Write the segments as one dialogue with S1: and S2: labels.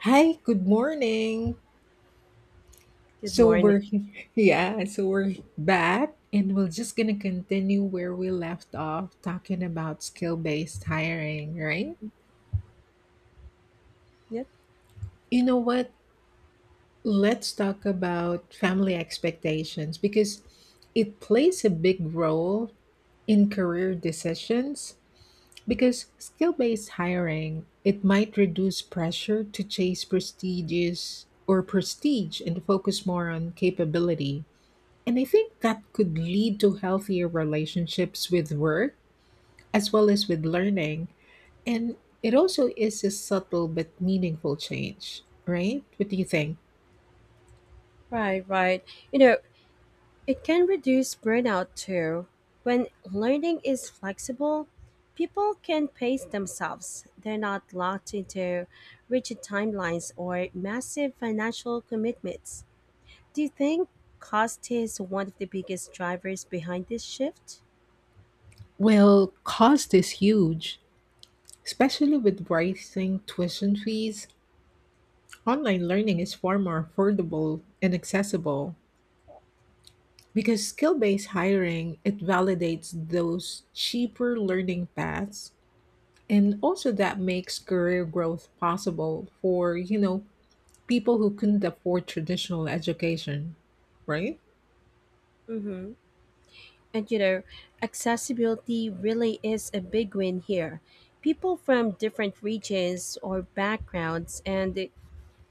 S1: Hi, good morning.
S2: Good
S1: So
S2: morning.
S1: we're yeah, so we're back and we're just gonna continue where we left off talking about skill-based hiring, right?
S2: Yep.
S1: You know what? Let's talk about family expectations because it plays a big role in career decisions because skill-based hiring, it might reduce pressure to chase prestigious or prestige and focus more on capability. And I think that could lead to healthier relationships with work as well as with learning. And it also is a subtle but meaningful change, right? What do you think?
S2: Right, right. You know, it can reduce burnout too. When learning is flexible, people can pace themselves. They're not locked into rigid timelines or massive financial commitments. Do you think cost is one of the biggest drivers behind this shift?
S1: Well, cost is huge, especially with rising tuition fees. Online learning is far more affordable and accessible because skill-based hiring it validates those cheaper learning paths, and also that makes career growth possible for people who couldn't afford traditional education, right?
S2: Mm-hmm. And accessibility really is a big win here. People from different regions or backgrounds and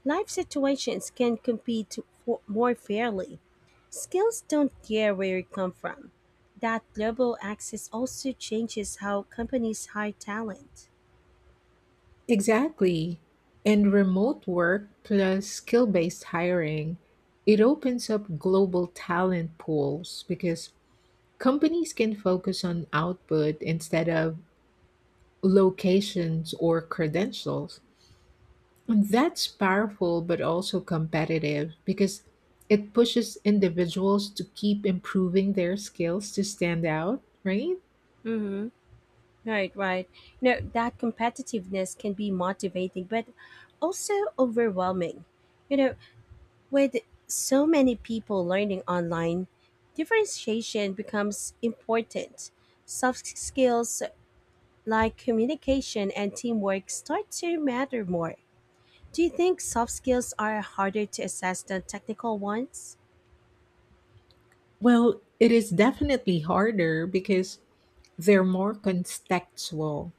S2: Life situations can for more fairly. Skills don't care where you come from. That global access also changes how companies hire talent.
S1: Exactly. And remote work plus skill based hiring, it opens up global talent pools because companies can focus on output instead of locations or credentials. And that's powerful but also competitive because it pushes individuals to keep improving their skills to stand out, right?
S2: Mm-hmm. Right, right. That competitiveness can be motivating, but also overwhelming. You know, with so many people learning online, differentiation becomes important. Soft skills like communication and teamwork start to matter more. Do you think soft skills are harder to assess than technical ones?
S1: Well, it is definitely harder because they're more contextual.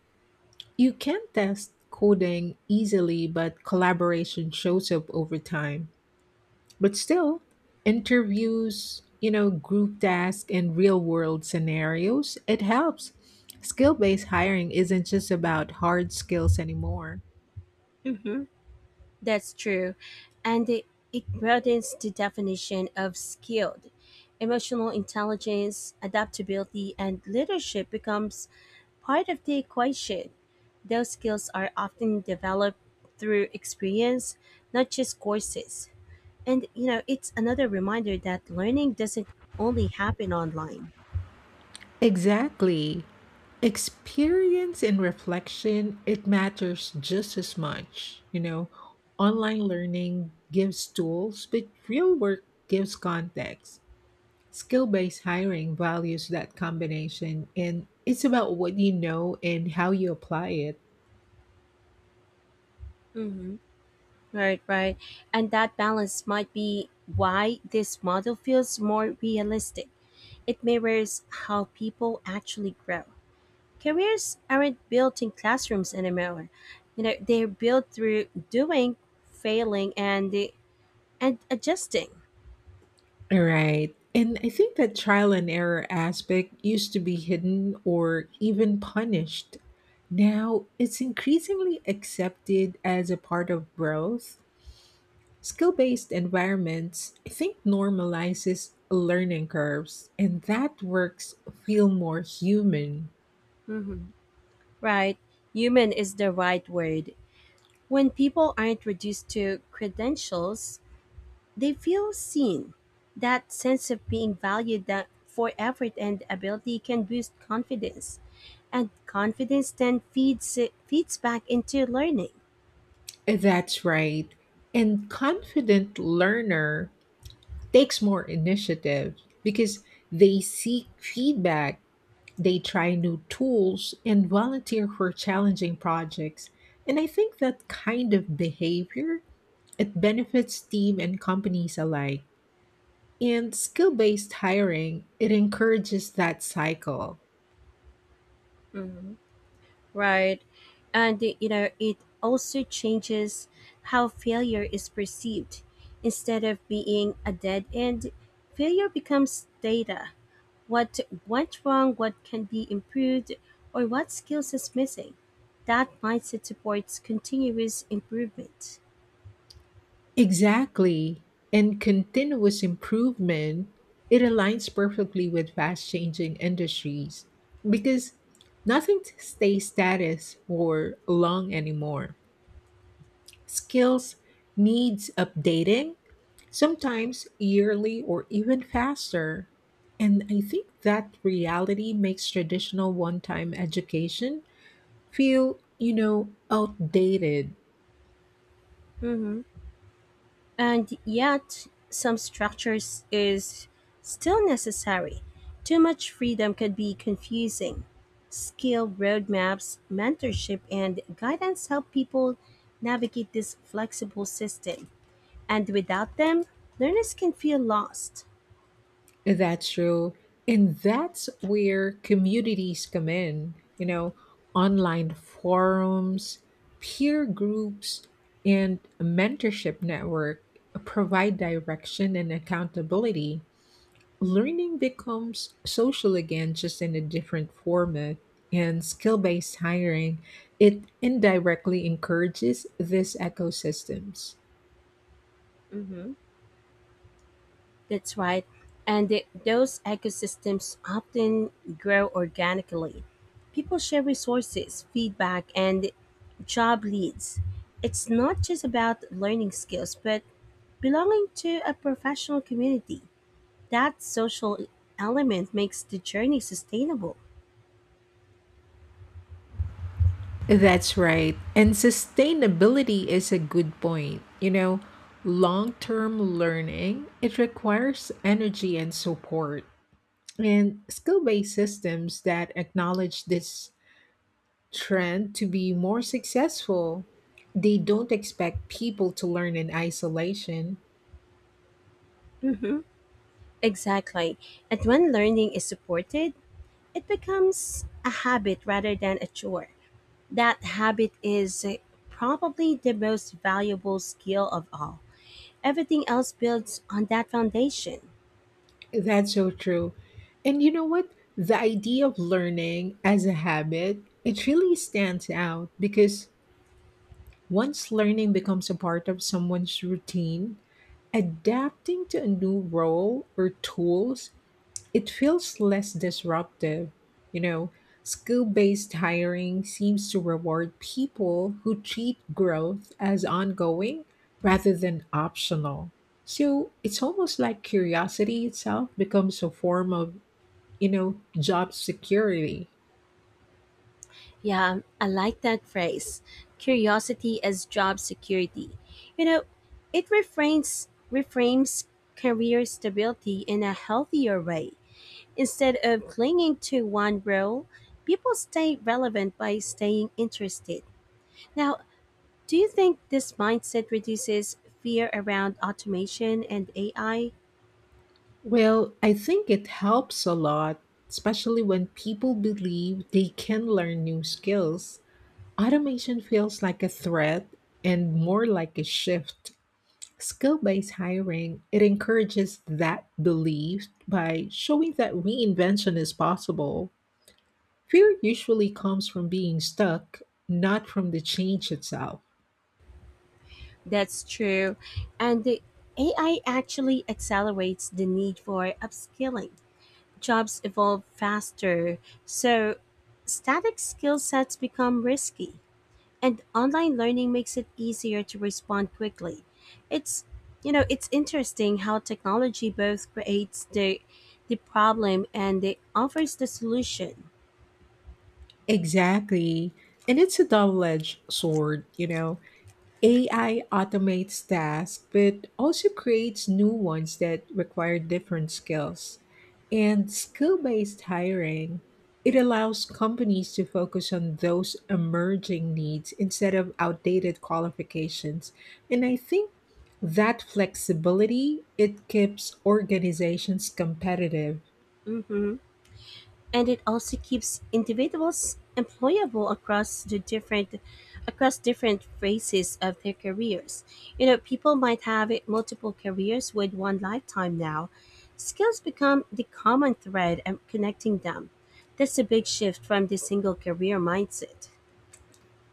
S1: You can test coding easily, but collaboration shows up over time. But still, interviews, group tasks, and real world scenarios, it helps. Skill based hiring isn't just about hard skills anymore.
S2: Mm-hmm. That's true. And it, it broadens the definition of skilled. Emotional intelligence, adaptability, and leadership becomes part of the equation. Those skills are often developed through experience, not just courses. And it's another reminder that learning doesn't only happen online.
S1: Exactly. Experience and reflection, it matters just as much. You know, online learning gives tools, but real work gives context. Skill based hiring values that combination, and it's about what you know and how you apply it.
S2: Mm-hmm. Right, right. And that balance might be why this model feels more realistic. It mirrors how people actually grow. Careers aren't built in classrooms anymore. They're built through doing, failing, and adjusting.
S1: All right. And I think that trial and error aspect used to be hidden or even punished. Now it's increasingly accepted as a part of growth. Skill based environments, I think, normalizes learning curves, and that works feel more human.
S2: Hmm. Right. Human is the right word. When people aren't reduced to credentials, they feel seen. That sense of being valued that for effort and ability can boost confidence. And confidence then feeds back into learning.
S1: That's right. And confident learner takes more initiative because they seek feedback, they try new tools, and volunteer for challenging projects. And I think that kind of behavior it benefits team and companies alike. And skill based hiring, it encourages that cycle.
S2: Hmm. Right. And it also changes how failure is perceived. Instead of being a dead end, failure becomes data. What went wrong, what can be improved, or what skills is missing. That mindset supports continuous improvement.
S1: Exactly. And continuous improvement, it aligns perfectly with fast changing industries because nothing stays status or long anymore. Skills needs updating, sometimes yearly or even faster. And I think that reality makes traditional one time education feel, outdated.
S2: Mhm. And yet, some structures is still necessary. Too much freedom can be confusing. Skill roadmaps, mentorship, and guidance help people navigate this flexible system. And without them, learners can feel lost.
S1: That's true. And that's where communities come in, you know, online forums, peer groups, and a mentorship network provide direction and accountability. Learning becomes social again, just in a different format. And skill based hiring, it indirectly encourages these ecosystems.
S2: Mhm. That's right, and those ecosystems often grow organically. People share resources, feedback, and job leads. It's not just about learning skills, but belonging to a professional community. That social element makes the journey sustainable.
S1: That's right. And sustainability is a good point. You know, long-term learning, it requires energy and support. And skill-based systems that acknowledge this trend to be more successful, they don't expect people to learn in isolation.
S2: Mm-hmm. Exactly. And when learning is supported, it becomes a habit rather than a chore. That habit is probably the most valuable skill of all. Everything else builds on that foundation.
S1: That's so true. And you know what? The idea of learning as a habit, it really stands out because once learning becomes a part of someone's routine, adapting to a new role or tools, it feels less disruptive. You know, skill based hiring seems to reward people who treat growth as ongoing rather than optional. So it's almost like curiosity itself becomes a form of, job security.
S2: Yeah, I like that phrase. Curiosity as job security. You know, it reframes career stability in a healthier way. Instead of clinging to one role, people stay relevant by staying interested. Now, do you think this mindset reduces fear around automation and AI?
S1: Well, I think it helps a lot, especially when people believe they can learn new skills. Automation feels like a threat and more like a shift. Skill-based hiring, it encourages that belief by showing that reinvention is possible. Fear usually comes from being stuck, not from the change itself.
S2: That's true. And the AI actually accelerates the need for upskilling. Jobs evolve faster, so static skill sets become risky. And online learning makes it easier to respond quickly. It's it's interesting how technology both creates the problem and it offers the solution.
S1: Exactly. And it's a double-edged sword, you know, AI automates tasks, but also creates new ones that require different skills. And skill based hiring, it allows companies to focus on those emerging needs instead of outdated qualifications. And I think that flexibility it keeps organizations competitive.
S2: Hmm. And it also keeps individuals employable across the different across different phases of their careers. You know, people might multiple careers with one lifetime now. Skills become the common thread, connecting them. That's a big shift from the single career mindset.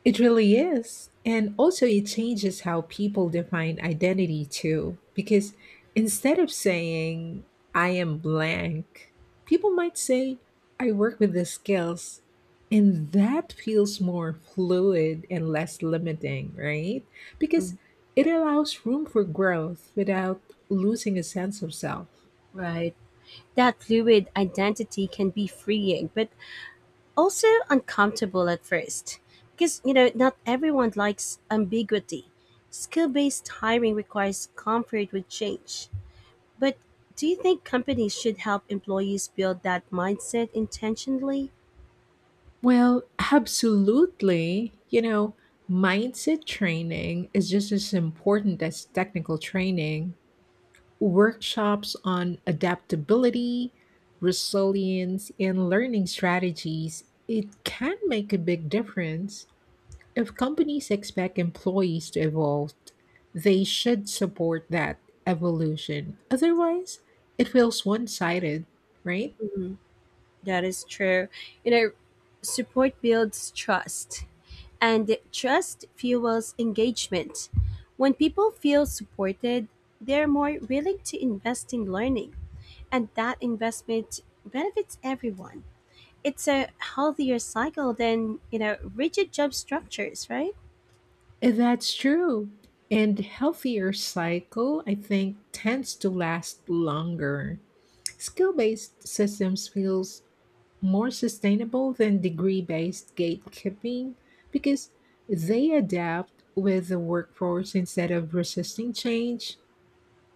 S1: It really is. And also, it changes how people define identity too. Because instead of saying, I am blank, people might say, I work with the skills. And that feels more fluid and less limiting, right? Because
S2: Mm.
S1: it allows room for growth without losing a sense of self.
S2: Right. That fluid identity can be freeing but also uncomfortable at first, because not everyone likes ambiguity. Skill-based hiring requires comfort with change. But do you think companies should help employees build that mindset intentionally?
S1: Well, absolutely. You know, mindset training is just as important as technical training. Workshops on adaptability, resilience, and learning strategies, it can make a big difference. If companies expect employees to evolve, they should support that evolution. Otherwise, it feels one sided, right?
S2: Mhm. That is true. you know support builds trust, and trust fuels engagement. When people feel supported, they're more willing to invest in learning, and that investment benefits everyone. It's a healthier cycle than rigid job structures, right?
S1: That's true. And healthier cycle, I think, tends to last longer. Skill-based systems feels more sustainable than degree-based gatekeeping because they adapt with the workforce instead of resisting change.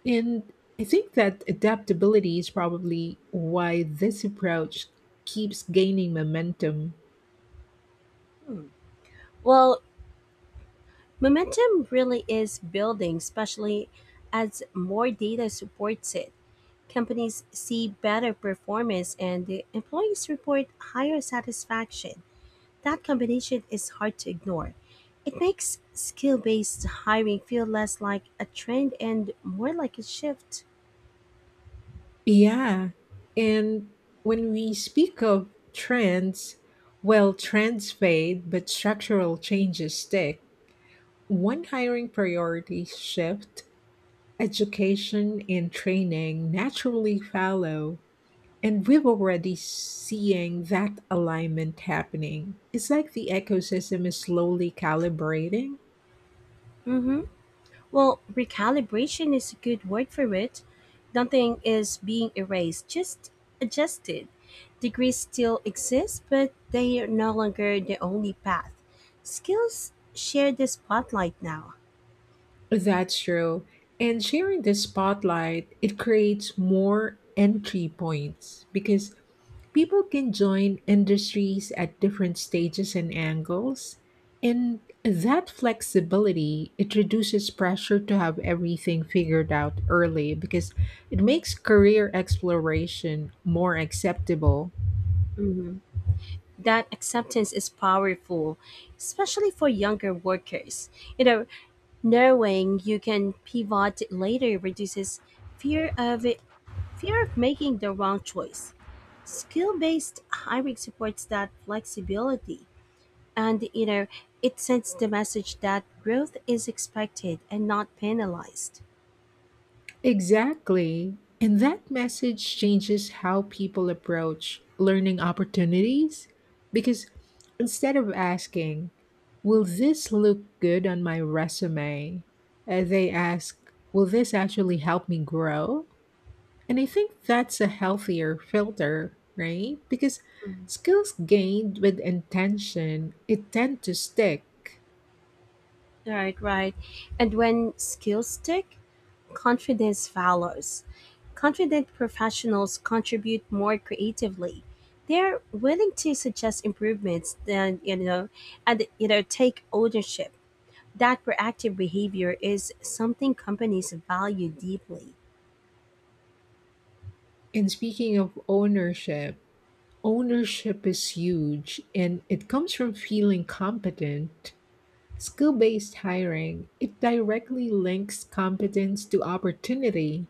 S1: And I think that adaptability is probably why this approach keeps gaining momentum.
S2: Hmm. Well, momentum really is building, especially as more data supports it. Companies see better performance and the employees report higher satisfaction. That combination is hard to ignore. It makes skill-based hiring feel less like a trend and more like a shift.
S1: Yeah. And when we speak of trends, well, trends fade, but structural changes stick. One hiring priority shift, education and training naturally follow. And we've already seeing that alignment happening. It's like the ecosystem is slowly calibrating.
S2: Mm hmm. Well, recalibration is a good word for it. Nothing is being erased, just adjusted. Degrees still exist, but they are no longer the only path. Skills share the spotlight now.
S1: That's true. And sharing the spotlight, it creates more entry points because people can join industries at different stages and angles. And that flexibility, it reduces pressure to have everything figured out early because it makes career exploration more acceptable.
S2: Mhm. That acceptance is powerful, especially for younger workers. You know, knowing you can pivot later reduces fear of it, fear of making the wrong choice. Skill based hiring supports that flexibility, and it sends the message that growth is expected and not penalized.
S1: Exactly. And that message changes how people approach learning opportunities because instead of asking, will this look good on my resume? They ask, will this actually help me grow? And I think that's a healthier filter, right? Because
S2: Mhm.
S1: skills gained with intention, it tend to stick.
S2: Right, right. And when skills stick, confidence follows. Confident professionals contribute more creatively. They're willing to suggest improvements than you know and take ownership. That proactive behavior is something companies value deeply.
S1: And speaking of ownership, ownership is huge and it comes from feeling competent. Skill based hiring, it directly links competence to opportunity.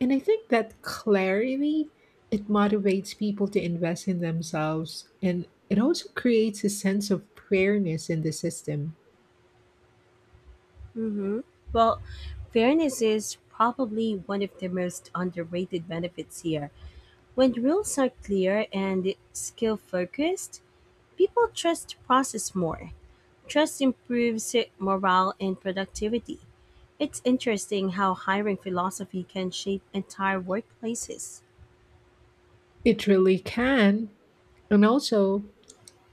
S1: And I think that clarity, it motivates people to invest in themselves and it also creates a sense of fairness in the system.
S2: Hmm. Well, fairness is probably one of the most underrated benefits here. When rules are clear and skill focused, people trust the process more. Trust improves morale and productivity. It's interesting how hiring philosophy can shape entire workplaces.
S1: It really can. And also,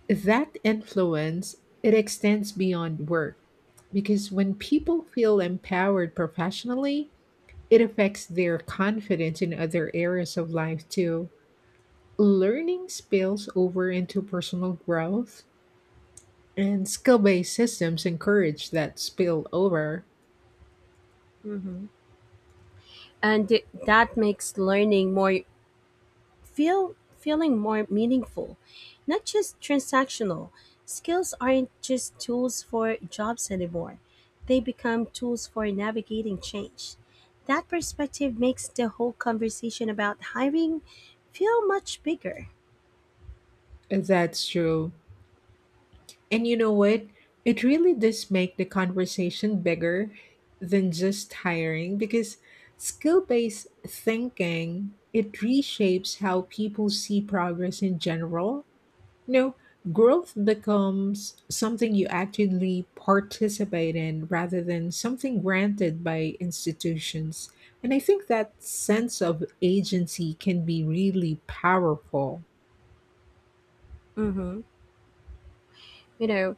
S1: that influence, it extends beyond work because when people feel empowered professionally, it affects their confidence in other areas of life too. Learning spills over into personal growth, and skill based systems encourage that spillover.
S2: And that makes learning more feeling more meaningful, not just transactional. Skills aren't just tools for jobs anymore. They become tools for navigating change. That perspective makes the whole conversation about hiring feel much bigger.
S1: That's true. And you know what? It really does make the conversation bigger than just hiring because skill based thinking it reshapes how people see progress in general. No, growth becomes something you actively participate in rather than something granted by institutions. And I think that sense of agency can be really powerful.
S2: Mhm. You know,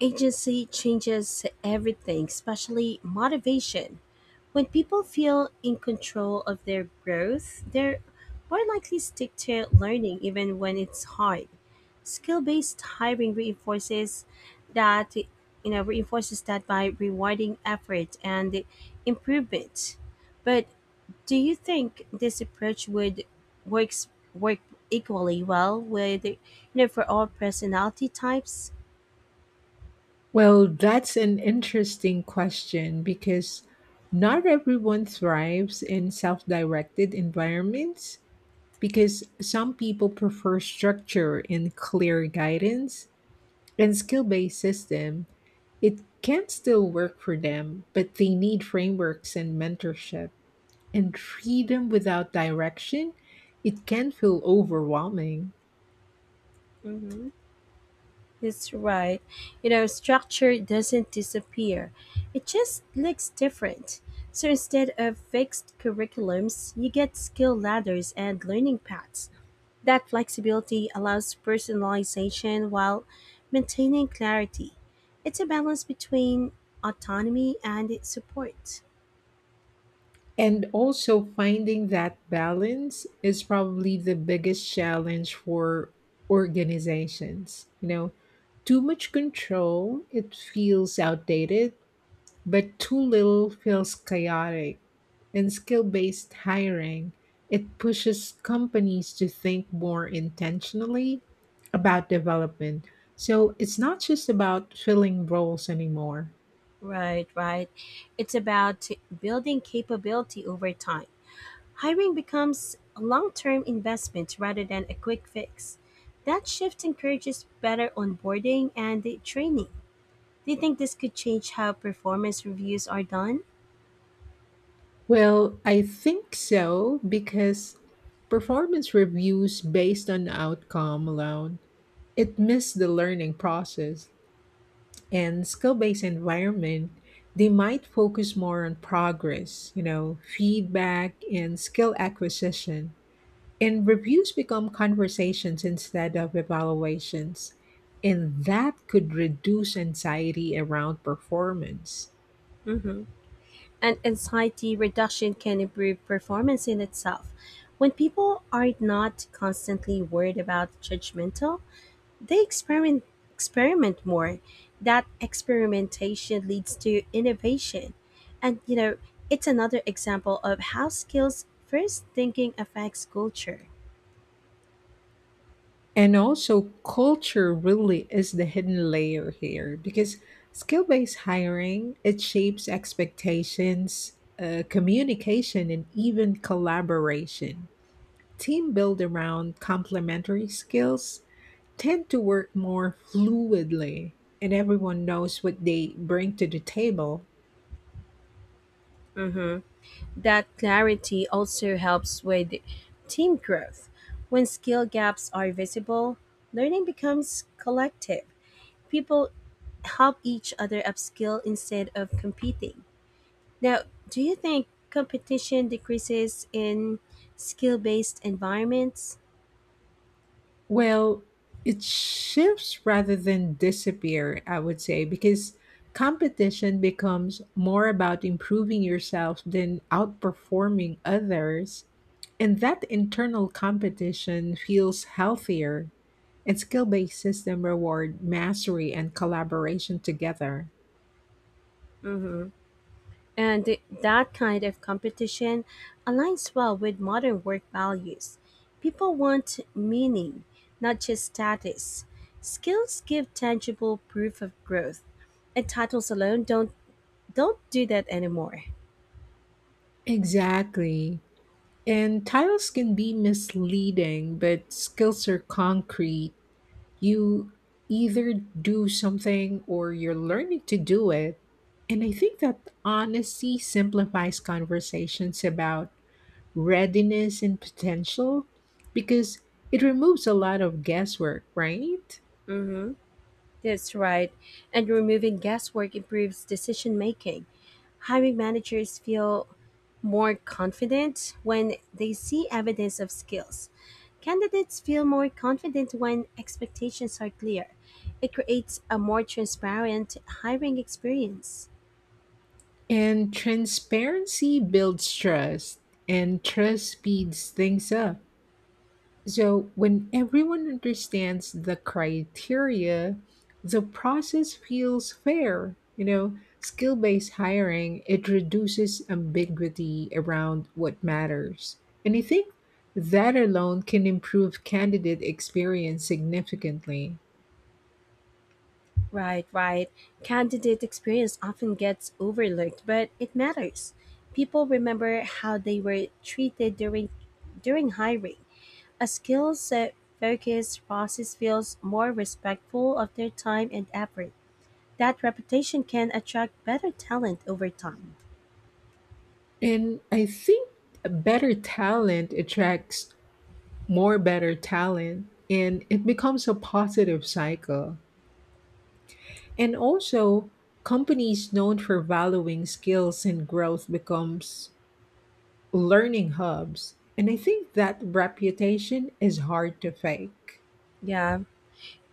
S2: agency changes everything, especially motivation. When people feel in control of their growth, they're more likely to stick to learning even when it's hard. Skill-based hiring reinforces that by rewarding effort and improvement. But do you think this approach would works work equally well with for all personality types?
S1: Well, that's an interesting question because not everyone thrives in self directed environments because some people prefer structure and clear guidance and skill based systems it can still work for them, but they need frameworks and mentorship. And freedom without direction, it can feel overwhelming.
S2: Mhm. That's right. Structure doesn't disappear. It just looks different. So instead of fixed curriculums, you get skill ladders and learning paths. That flexibility allows personalization while maintaining clarity. It's a balance between autonomy and support.
S1: And also, finding that balance is probably the biggest challenge for organizations. You know, too much control, it feels outdated, but too little feels chaotic. In skill based hiring, it pushes companies to think more intentionally about development. So it's not just about filling roles anymore.
S2: Right, right. It's about building capability over time. Hiring becomes a long term investment rather than a quick fix. That shift encourages better onboarding and the training. Do you think this could change how performance reviews are done?
S1: Well, I think so because performance reviews based on outcome alone, it missed the learning process. And skill-based environment they might focus more on progress, you know, feedback and skill acquisition, and reviews become conversations instead of evaluations, and that could reduce anxiety around performance.
S2: Mm-hmm. And anxiety reduction can improve performance in itself. When people are not constantly worried about judgmental, they experiment more. That experimentation leads to innovation. And it's another example of how skills first thinking affects culture.
S1: And also culture really is the hidden layer here because skill-based hiring it shapes expectations, communication and even collaboration. Team built around complementary skills tend to work more fluidly, and everyone knows what they bring to the table.
S2: Hmm. That clarity also helps with team growth. When skill gaps are visible, learning becomes collective. People help each other upskill instead of competing. Now, do you think competition decreases in skill based environments?
S1: Well, it shifts rather than disappear, I would say, because competition becomes more about improving yourself than outperforming others. And that internal competition feels healthier. And skill based system reward mastery and collaboration together.
S2: Hmm. And that kind of competition aligns well with modern work values. People want meaning, not just status. Skills give tangible proof of growth, and titles alone don't do that anymore.
S1: Exactly. And titles can be misleading, but skills are concrete. You either do something or you're learning to do it. And I think that honesty simplifies conversations about readiness and potential because it removes a lot of guesswork, right?
S2: Hmm. That's right. And removing guesswork improves decision making. Hiring managers feel more confident when they see evidence of skills. Candidates feel more confident when expectations are clear. It creates a more transparent hiring experience.
S1: And transparency builds trust, and trust speeds things up. So, when everyone understands the criteria, the process feels fair. You know, skill based hiring, it reduces ambiguity around what matters. And I think that alone can improve candidate experience significantly.
S2: Right, right. Candidate experience often gets overlooked, but it matters. People remember how they were treated during hiring. A skill set focused process feels more respectful of their time and effort. That reputation can attract better talent over time.
S1: And I think a better talent attracts more better talent, and it becomes a positive cycle. And also, companies known for valuing skills and growth becomes learning hubs. And I think that reputation is hard to fake.
S2: Yeah,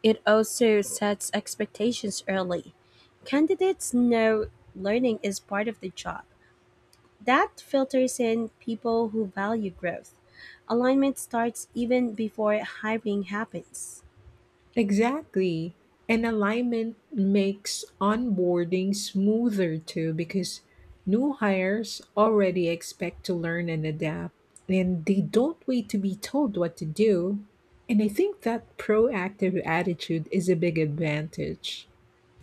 S2: it also sets expectations early. Candidates know learning is part of the job. That filters in people who value growth. Alignment starts even before hiring happens.
S1: Exactly. And alignment makes onboarding smoother too because new hires already expect to learn and adapt, and they don't wait to be told what to do. And I think that proactive attitude is a big advantage.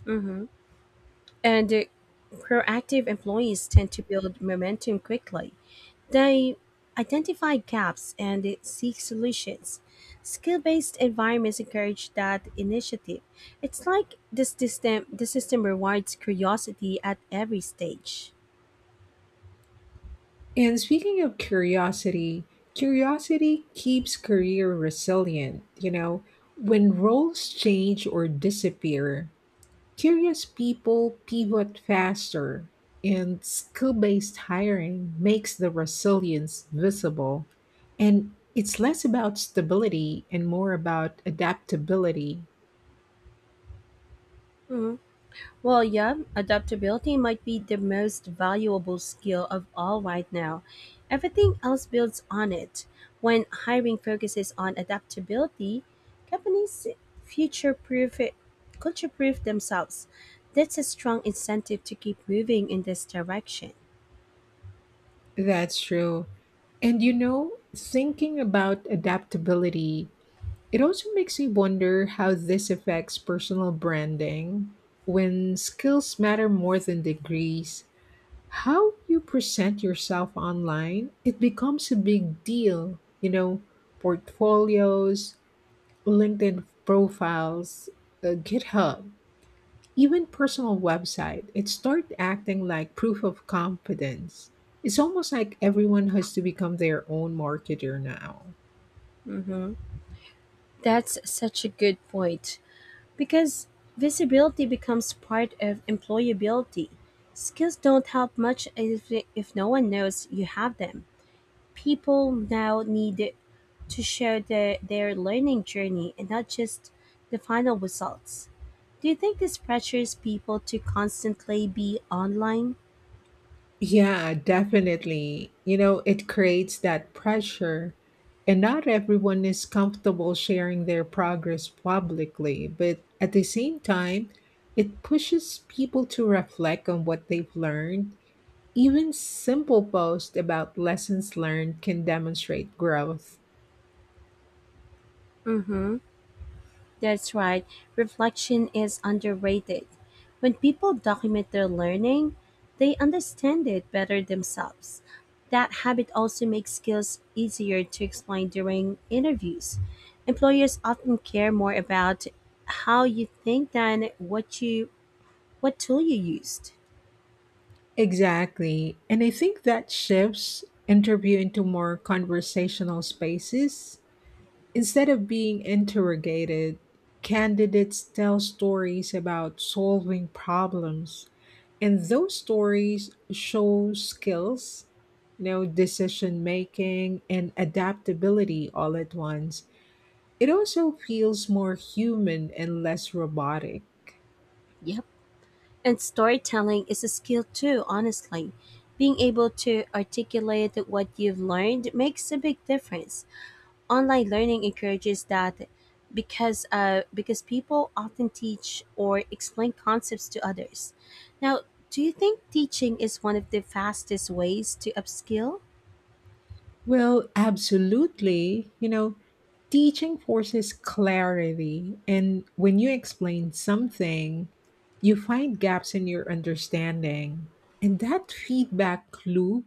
S2: Hmm. And proactive employees tend to build momentum quickly. They identify gaps and seek solutions. Skill based environments encourage that initiative. It's like the system rewards curiosity at every stage.
S1: And speaking of curiosity, curiosity keeps career resilient. You know, when roles change or disappear, curious people pivot faster, and skill based hiring makes the resilience visible. And it's less about stability and more about adaptability.
S2: Mhm. Well, yeah, adaptability might be the most valuable skill of all right now. Everything else builds on it. When hiring focuses on adaptability, companies future proof culture proof themselves. That's a strong incentive to keep moving in this direction.
S1: That's true. And you know, thinking about adaptability it also makes me wonder how this affects personal branding. When skills matter more than degrees, how you present yourself online, it becomes a big deal. You know, portfolios, LinkedIn profiles, GitHub, even personal website, it starts acting like proof of competence. It's almost like everyone has to become their own marketer now.
S2: Hmm. That's such a good point, because visibility becomes part of employability. Skills don't help much if no one knows you have them. People now need to show their learning journey and not just the final results. Do you think this pressures people to constantly be online?
S1: Yeah, definitely. You know, it creates that pressure. And not everyone is comfortable sharing their progress publicly, but at the same time, it pushes people to reflect on what they've learned. Even simple posts about lessons learned can demonstrate growth.
S2: Mm-hmm. That's right. Reflection is underrated. When people document their learning, they understand it better themselves. That habit also makes skills easier to explain during interviews. Employers often care more about how you think than what tool you used.
S1: Exactly. And I think that shifts interview into more conversational spaces. Instead of being interrogated, candidates tell stories about solving problems, and those stories show skills, you know, decision making and adaptability all at once. It also feels more human and less robotic.
S2: Yep. And storytelling is a skill too, honestly. Being able to articulate what you've learned makes a big difference. Online learning encourages that because people often teach or explain concepts to others. Now, do you think teaching is one of the fastest ways to upskill?
S1: Well, absolutely. You know, teaching forces clarity. And when you explain something, you find gaps in your understanding. And that feedback loop,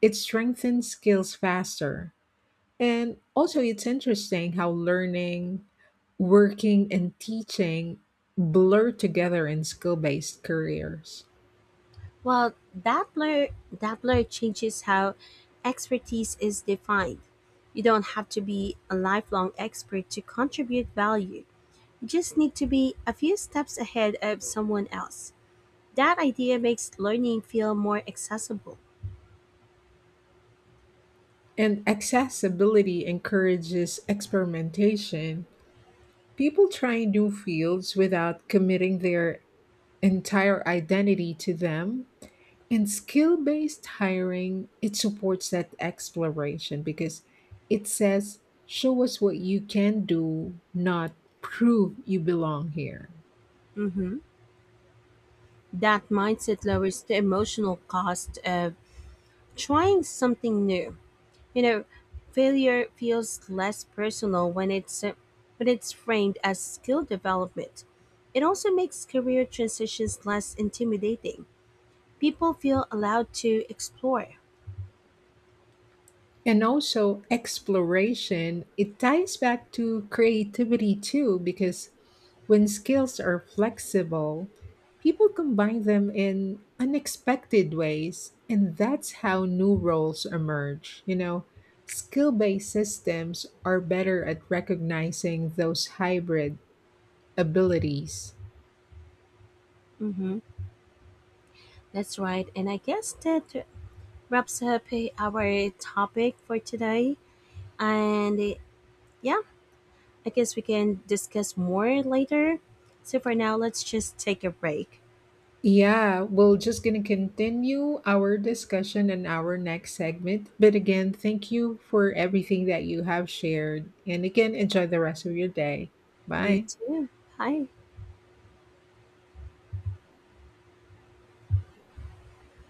S1: it strengthens skills faster. And also, it's interesting how learning, working, and teaching blur together in skill based careers.
S2: Well, Doppler changes how expertise is defined. You don't have to be a lifelong expert to contribute value. You just need to be a few steps ahead of someone else. That idea makes learning feel more accessible.
S1: And accessibility encourages experimentation. People try new fields without committing their entire identity to them. And skill based hiring, it supports that exploration because it says, show us what you can do, not prove you belong here.
S2: Hmm. That mindset lowers the emotional cost of trying something new. You know, failure feels less personal when it's framed as skill development. It also makes career transitions less intimidating. People feel allowed to explore.
S1: And also exploration, it ties back to creativity too, because when skills are flexible, people combine them in unexpected ways. And that's how new roles emerge. You know, skill based systems are better at recognizing those hybrid abilities.
S2: Mm-hmm. That's right. And I guess that wraps up our topic for today. And yeah, I guess we can discuss more later. So for now, let's just take a break.
S1: Yeah, we're just going to continue our discussion in our next segment. But again, thank you for everything that you have shared. And again, enjoy the rest of your day.
S2: You
S1: Bye.
S2: too. Bye.